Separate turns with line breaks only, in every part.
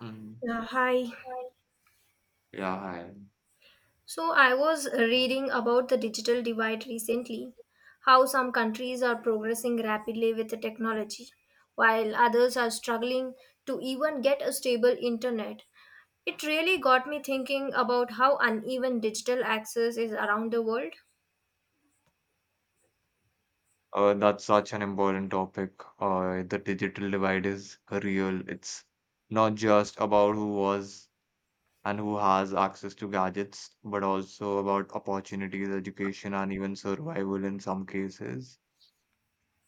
Mm.
Yeah, hi.
Yeah, hi.
So I was reading about the digital divide recently, how some countries are progressing rapidly with the technology, while others are struggling to even get a stable internet. It really got me thinking about how uneven digital access is around the world.
That's such an important topic. The digital divide is real. It's not just about who was and who has access to gadgets, but also about opportunities, education, and even survival in some cases.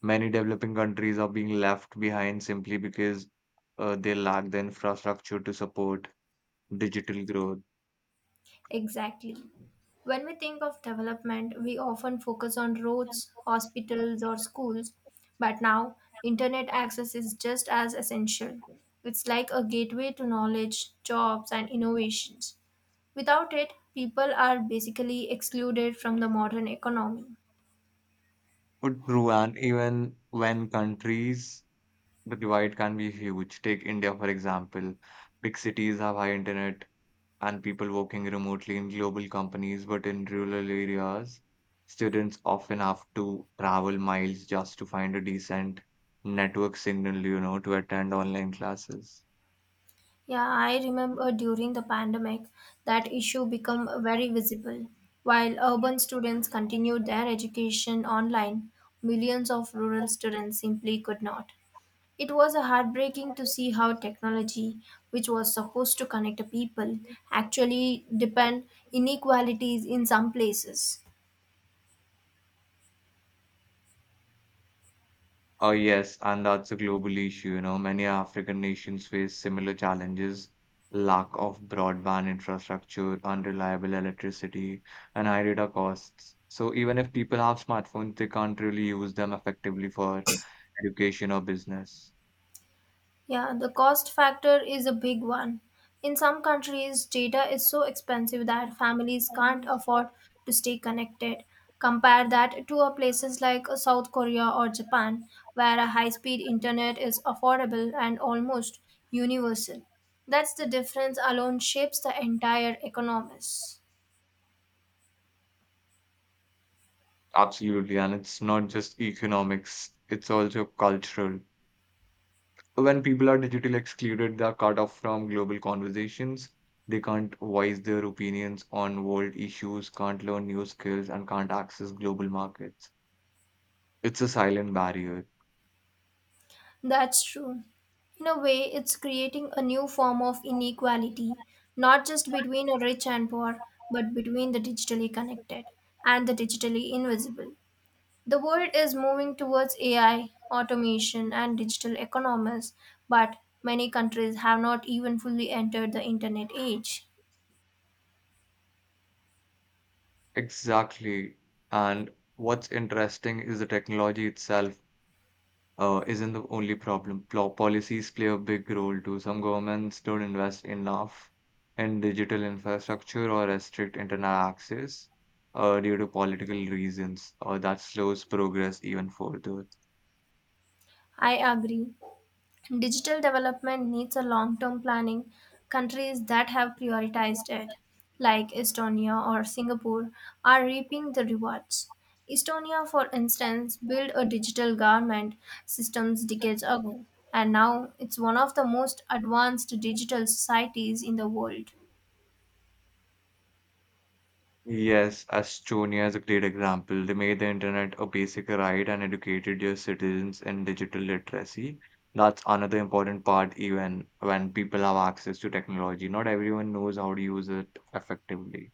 Many developing countries are being left behind simply because they lack the infrastructure to support digital growth.
Exactly. When we think of development, we often focus on roads, hospitals, or schools, but now internet access is just as essential. It's like a gateway to knowledge, jobs, and innovations. Without it, people are basically excluded from the modern economy.
But Ruan, even when countries the divide can be huge. Take India, for example. Big cities have high internet and people working remotely in global companies, but in rural areas, students often have to travel miles just to find a decent network signal, you know, to attend online classes.
Yeah, I remember during the pandemic that issue become very visible. While urban students continued their education online, millions of rural students simply could not. It was heartbreaking to see how technology, which was supposed to connect people, actually depend inequalities in some places.
Oh, yes, and that's a global issue. You know, many African nations face similar challenges, lack of broadband infrastructure, unreliable electricity, and high data costs. So even if people have smartphones, they can't really use them effectively for education or business.
Yeah, the cost factor is a big one. In some countries, data is so expensive that families can't afford to stay connected. Compare that to a places like South Korea or Japan, where a high-speed internet is affordable and almost universal. That's the difference alone shapes the entire economies.
Absolutely, and it's not just economics, it's also cultural. When people are digitally excluded, they are cut off from global conversations. They can't voice their opinions on world issues, can't learn new skills, and can't access global markets. It's a silent barrier.
That's true. In a way, it's creating a new form of inequality, not just between the rich and poor, but between the digitally connected and the digitally invisible. The world is moving towards AI, automation, and digital economies, but many countries have not even fully entered the internet age.
Exactly. And what's interesting is the technology itself isn't the only problem. Policies play a big role too. Some governments don't invest enough in digital infrastructure or restrict internet access due to political reasons, or that slows progress even further.
I agree. Digital development needs a long-term planning. Countries that have prioritized it, like Estonia or Singapore, are reaping the rewards. Estonia, for instance, built a digital government systems decades ago, and now it's one of the most advanced digital societies in the world.
Yes, Estonia is a great example. They made the internet a basic right and educated their citizens in digital literacy. That's another important part, even when people have access to technology. Not everyone knows how to use it effectively.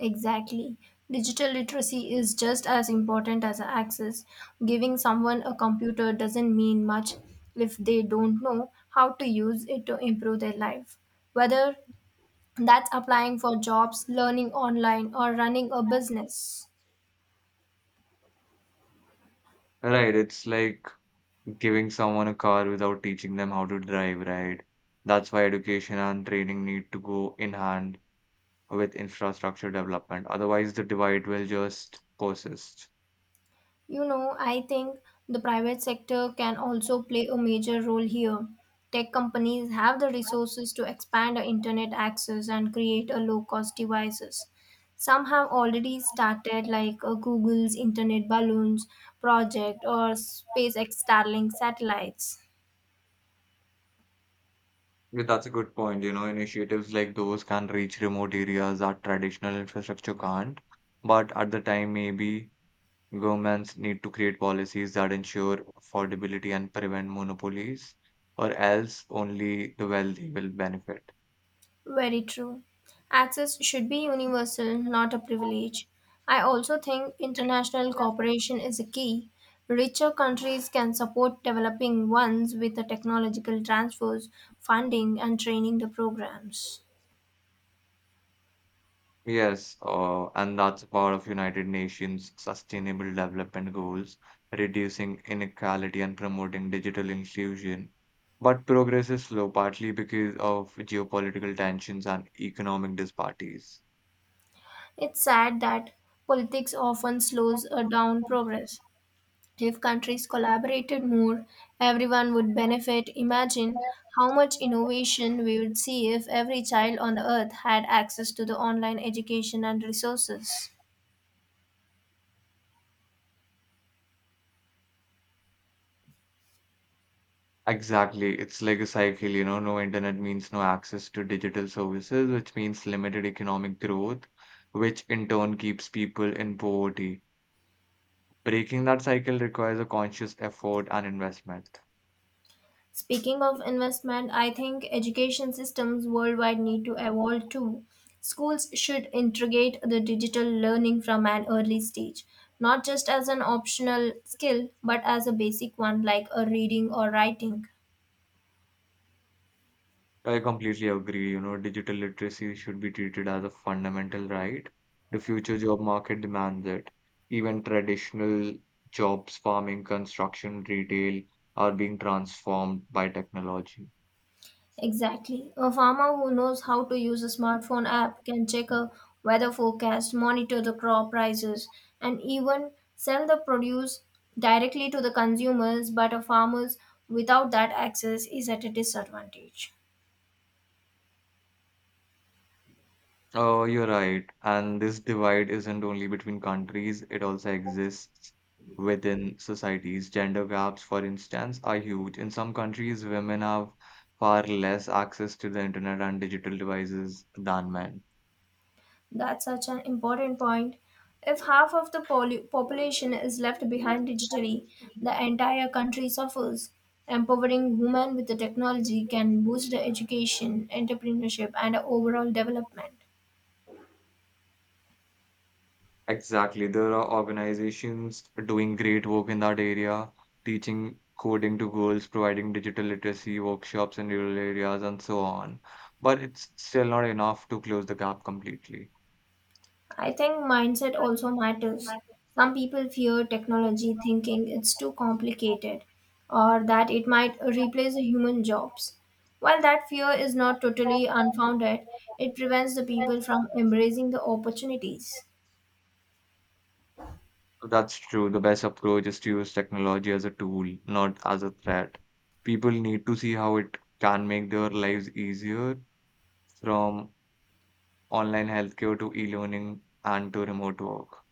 Exactly. Digital literacy is just as important as access. Giving someone a computer doesn't mean much if they don't know how to use it to improve their life. Whether that's applying for jobs, learning online, or running a business.
Right, it's like giving someone a car without teaching them how to drive, right? That's why education and training need to go in hand with infrastructure development. Otherwise, the divide will just persist.
I think the private sector can also play a major role here. Tech companies have the resources to expand our internet access and create a low-cost devices. Some have already started, like Google's Internet Balloons project or SpaceX Starlink satellites.
Yeah, that's a good point. You know, initiatives like those can reach remote areas that traditional infrastructure can't. But at the time, maybe governments need to create policies that ensure affordability and prevent monopolies, or else only the wealthy will benefit.
Very true. Access should be universal, not a privilege. I also think international cooperation is a key. Richer countries can support developing ones with the technological transfers, funding, and training the programs.
Yes, and that's part of United Nations Sustainable Development Goals, reducing inequality and promoting digital inclusion. But progress is slow, partly because of geopolitical tensions and economic disparities.
It's sad that politics often slows down progress. If countries collaborated more, everyone would benefit. Imagine how much innovation we would see if every child on the earth had access to the online education and resources.
Exactly, it's like a cycle, you know, no internet means no access to digital services, which means limited economic growth, which in turn keeps people in poverty. Breaking that cycle requires a conscious effort and investment.
Speaking of investment, I think education systems worldwide need to evolve too. Schools should integrate the digital learning from an early stage, not just as an optional skill, but as a basic one like a reading or writing.
I completely agree. You know, digital literacy should be treated as a fundamental right. The future job market demands it. Even traditional jobs, farming, construction, retail, are being transformed by technology.
Exactly. A farmer who knows how to use a smartphone app can check a weather forecast, monitor the crop prices, and even sell the produce directly to the consumers. But a farmer without that access is at a disadvantage.
Oh, you're right. And this divide isn't only between countries, it also exists within societies. Gender gaps, for instance, are huge. In some countries, women have far less access to the internet and digital devices than men.
That's such an important point. If half of the population is left behind digitally, the entire country suffers. Empowering women with the technology can boost the education, entrepreneurship, and overall development.
Exactly. There are organizations doing great work in that area, teaching coding to girls, providing digital literacy workshops in rural areas, and so on. But it's still not enough to close the gap completely.
I think mindset also matters. Some people fear technology thinking it's too complicated or that it might replace human jobs. While that fear is not totally unfounded, it prevents the people from embracing the opportunities.
That's true. The best approach is to use technology as a tool, not as a threat. People need to see how it can make their lives easier, from online healthcare to e-learning and to remote work.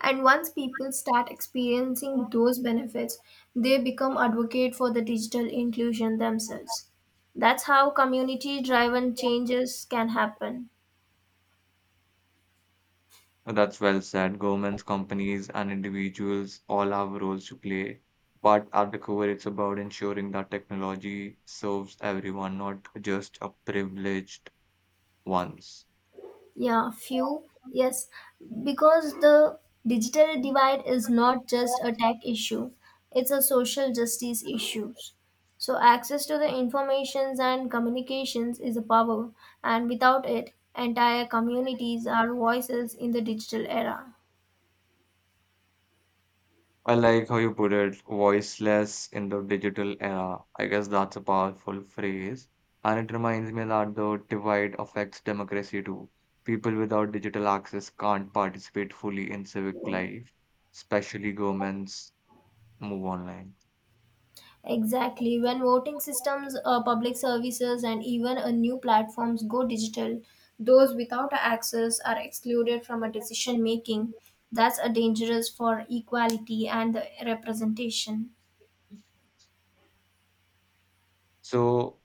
And once people start experiencing those benefits, they become advocate for the digital inclusion themselves. That's how community driven changes can happen.
That's well said. Governments, companies, and individuals all have roles to play. But at the core, it's about ensuring that technology serves everyone, not just a privileged ones.
Yeah, few. Yes, because the digital divide is not just a tech issue, it's a social justice issue. So access to the informations and communications is a power, and without it, entire communities are voices in the digital era.
I like how you put it, voiceless in the digital era. I guess that's a powerful phrase. And it reminds me that the divide affects democracy too. People without digital access can't participate fully in civic life, especially governments move online.
Exactly. When voting systems, public services, and even new platforms go digital, those without access are excluded from a decision making. That's a dangerous for equality and the representation.
So,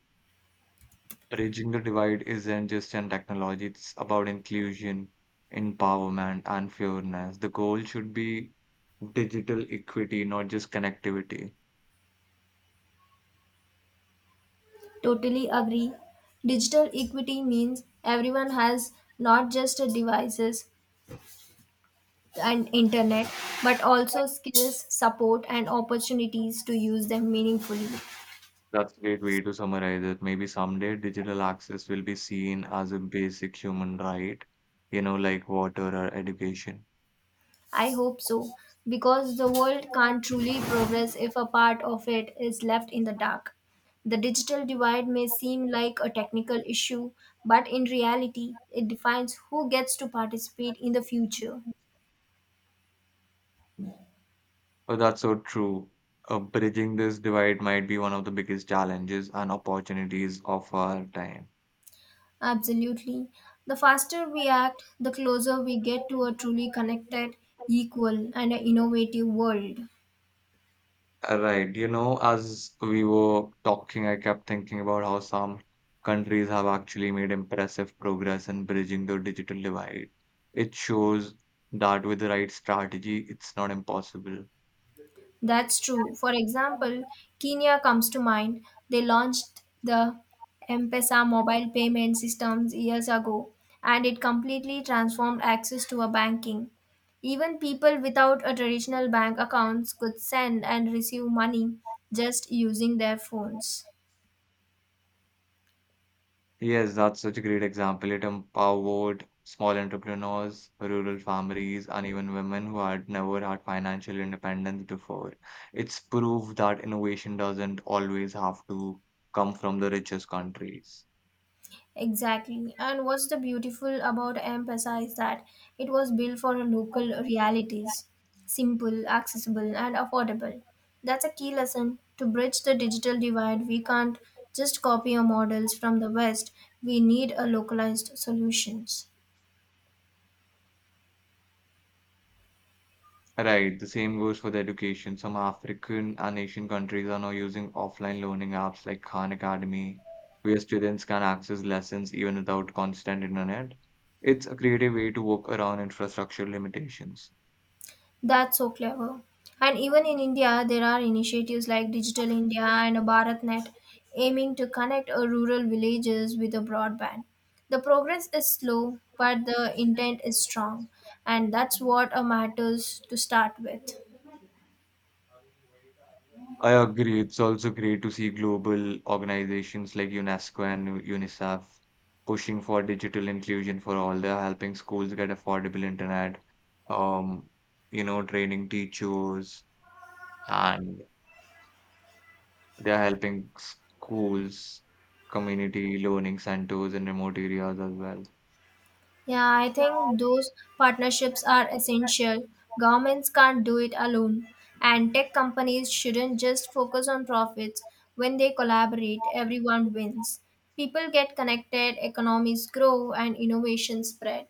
bridging the divide isn't just in technology, it's about inclusion, empowerment, and fairness. The goal should be digital equity, not just connectivity.
Totally agree. Digital equity means everyone has not just devices and internet, but also skills, support, and opportunities to use them meaningfully.
That's a great way to summarize it. Maybe someday digital access will be seen as a basic human right, you know, like water or education.
I hope so, because the world can't truly progress if a part of it is left in the dark. The digital divide may seem like a technical issue, but in reality, it defines who gets to participate in the future.
Oh, that's so true. Bridging this divide might be one of the biggest challenges and opportunities of our time.
Absolutely. The faster we act, the closer we get to a truly connected, equal, and an innovative world.
Right. You know, as we were talking, I kept thinking about how some countries have actually made impressive progress in bridging the digital divide. It shows that with the right strategy, it's not impossible.
That's true. For example, Kenya comes to mind. They launched the M-Pesa mobile payment systems years ago, and it completely transformed access to a banking. Even people without a traditional bank accounts could send and receive money just using their phones.
Yes, that's such a great example. It empowered small entrepreneurs, rural families, and even women who had never had financial independence before. It's proof that innovation doesn't always have to come from the richest countries.
Exactly. And what's the beautiful about emphasize that it was built for local realities, simple, accessible, and affordable. That's a key lesson to bridge the digital divide. We can't just copy our models from the West. We need a localized solutions.
Right, the same goes for the education. Some African and Asian countries are now using offline learning apps like Khan Academy, where students can access lessons even without constant internet. It's a creative way to work around infrastructure limitations.
That's so clever. And even in India, there are initiatives like Digital India and BharatNet aiming to connect rural villages with a broadband. The progress is slow, but the intent is strong, and that's what matters to start with.
I agree. It's also great to see global organizations like UNESCO and UNICEF pushing for digital inclusion for all. They're helping schools get affordable internet, um, you know, training teachers, and they're helping schools, community learning centers in remote areas as well.
Yeah, I think those partnerships are essential. Governments can't do it alone, and tech companies shouldn't just focus on profits. When they collaborate, everyone wins. People get connected, economies grow, and innovation spread.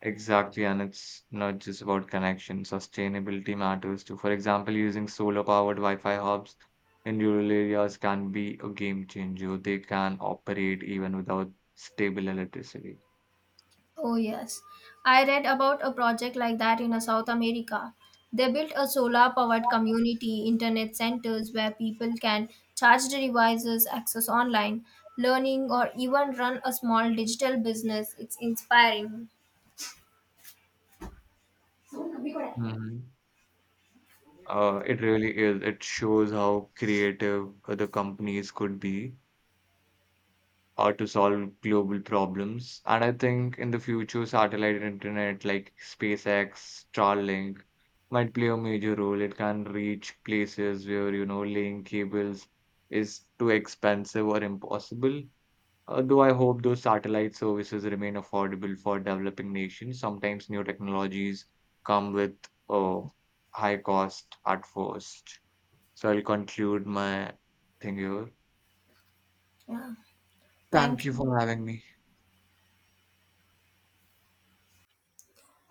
Exactly, and it's not just about connection. Sustainability matters too. For example, using solar-powered Wi-Fi hubs in rural areas can be a game changer. They can operate even without stable electricity.
Oh, yes. I read about a project like that in South America. They built a solar powered community internet centers where people can charge their devices, access online learning, or even run a small digital business. It's inspiring.
Mhm. It really is. It shows how creative other companies could be or to solve global problems. And I think in the future, satellite internet like SpaceX, Starlink might play a major role. It can reach places where, you know, laying cables is too expensive or impossible. Though I hope those satellite services remain affordable for developing nations. Sometimes new technologies come with a high cost at first. So I'll conclude my thing here.
Yeah.
Thank
Thank
you
you.
for having me.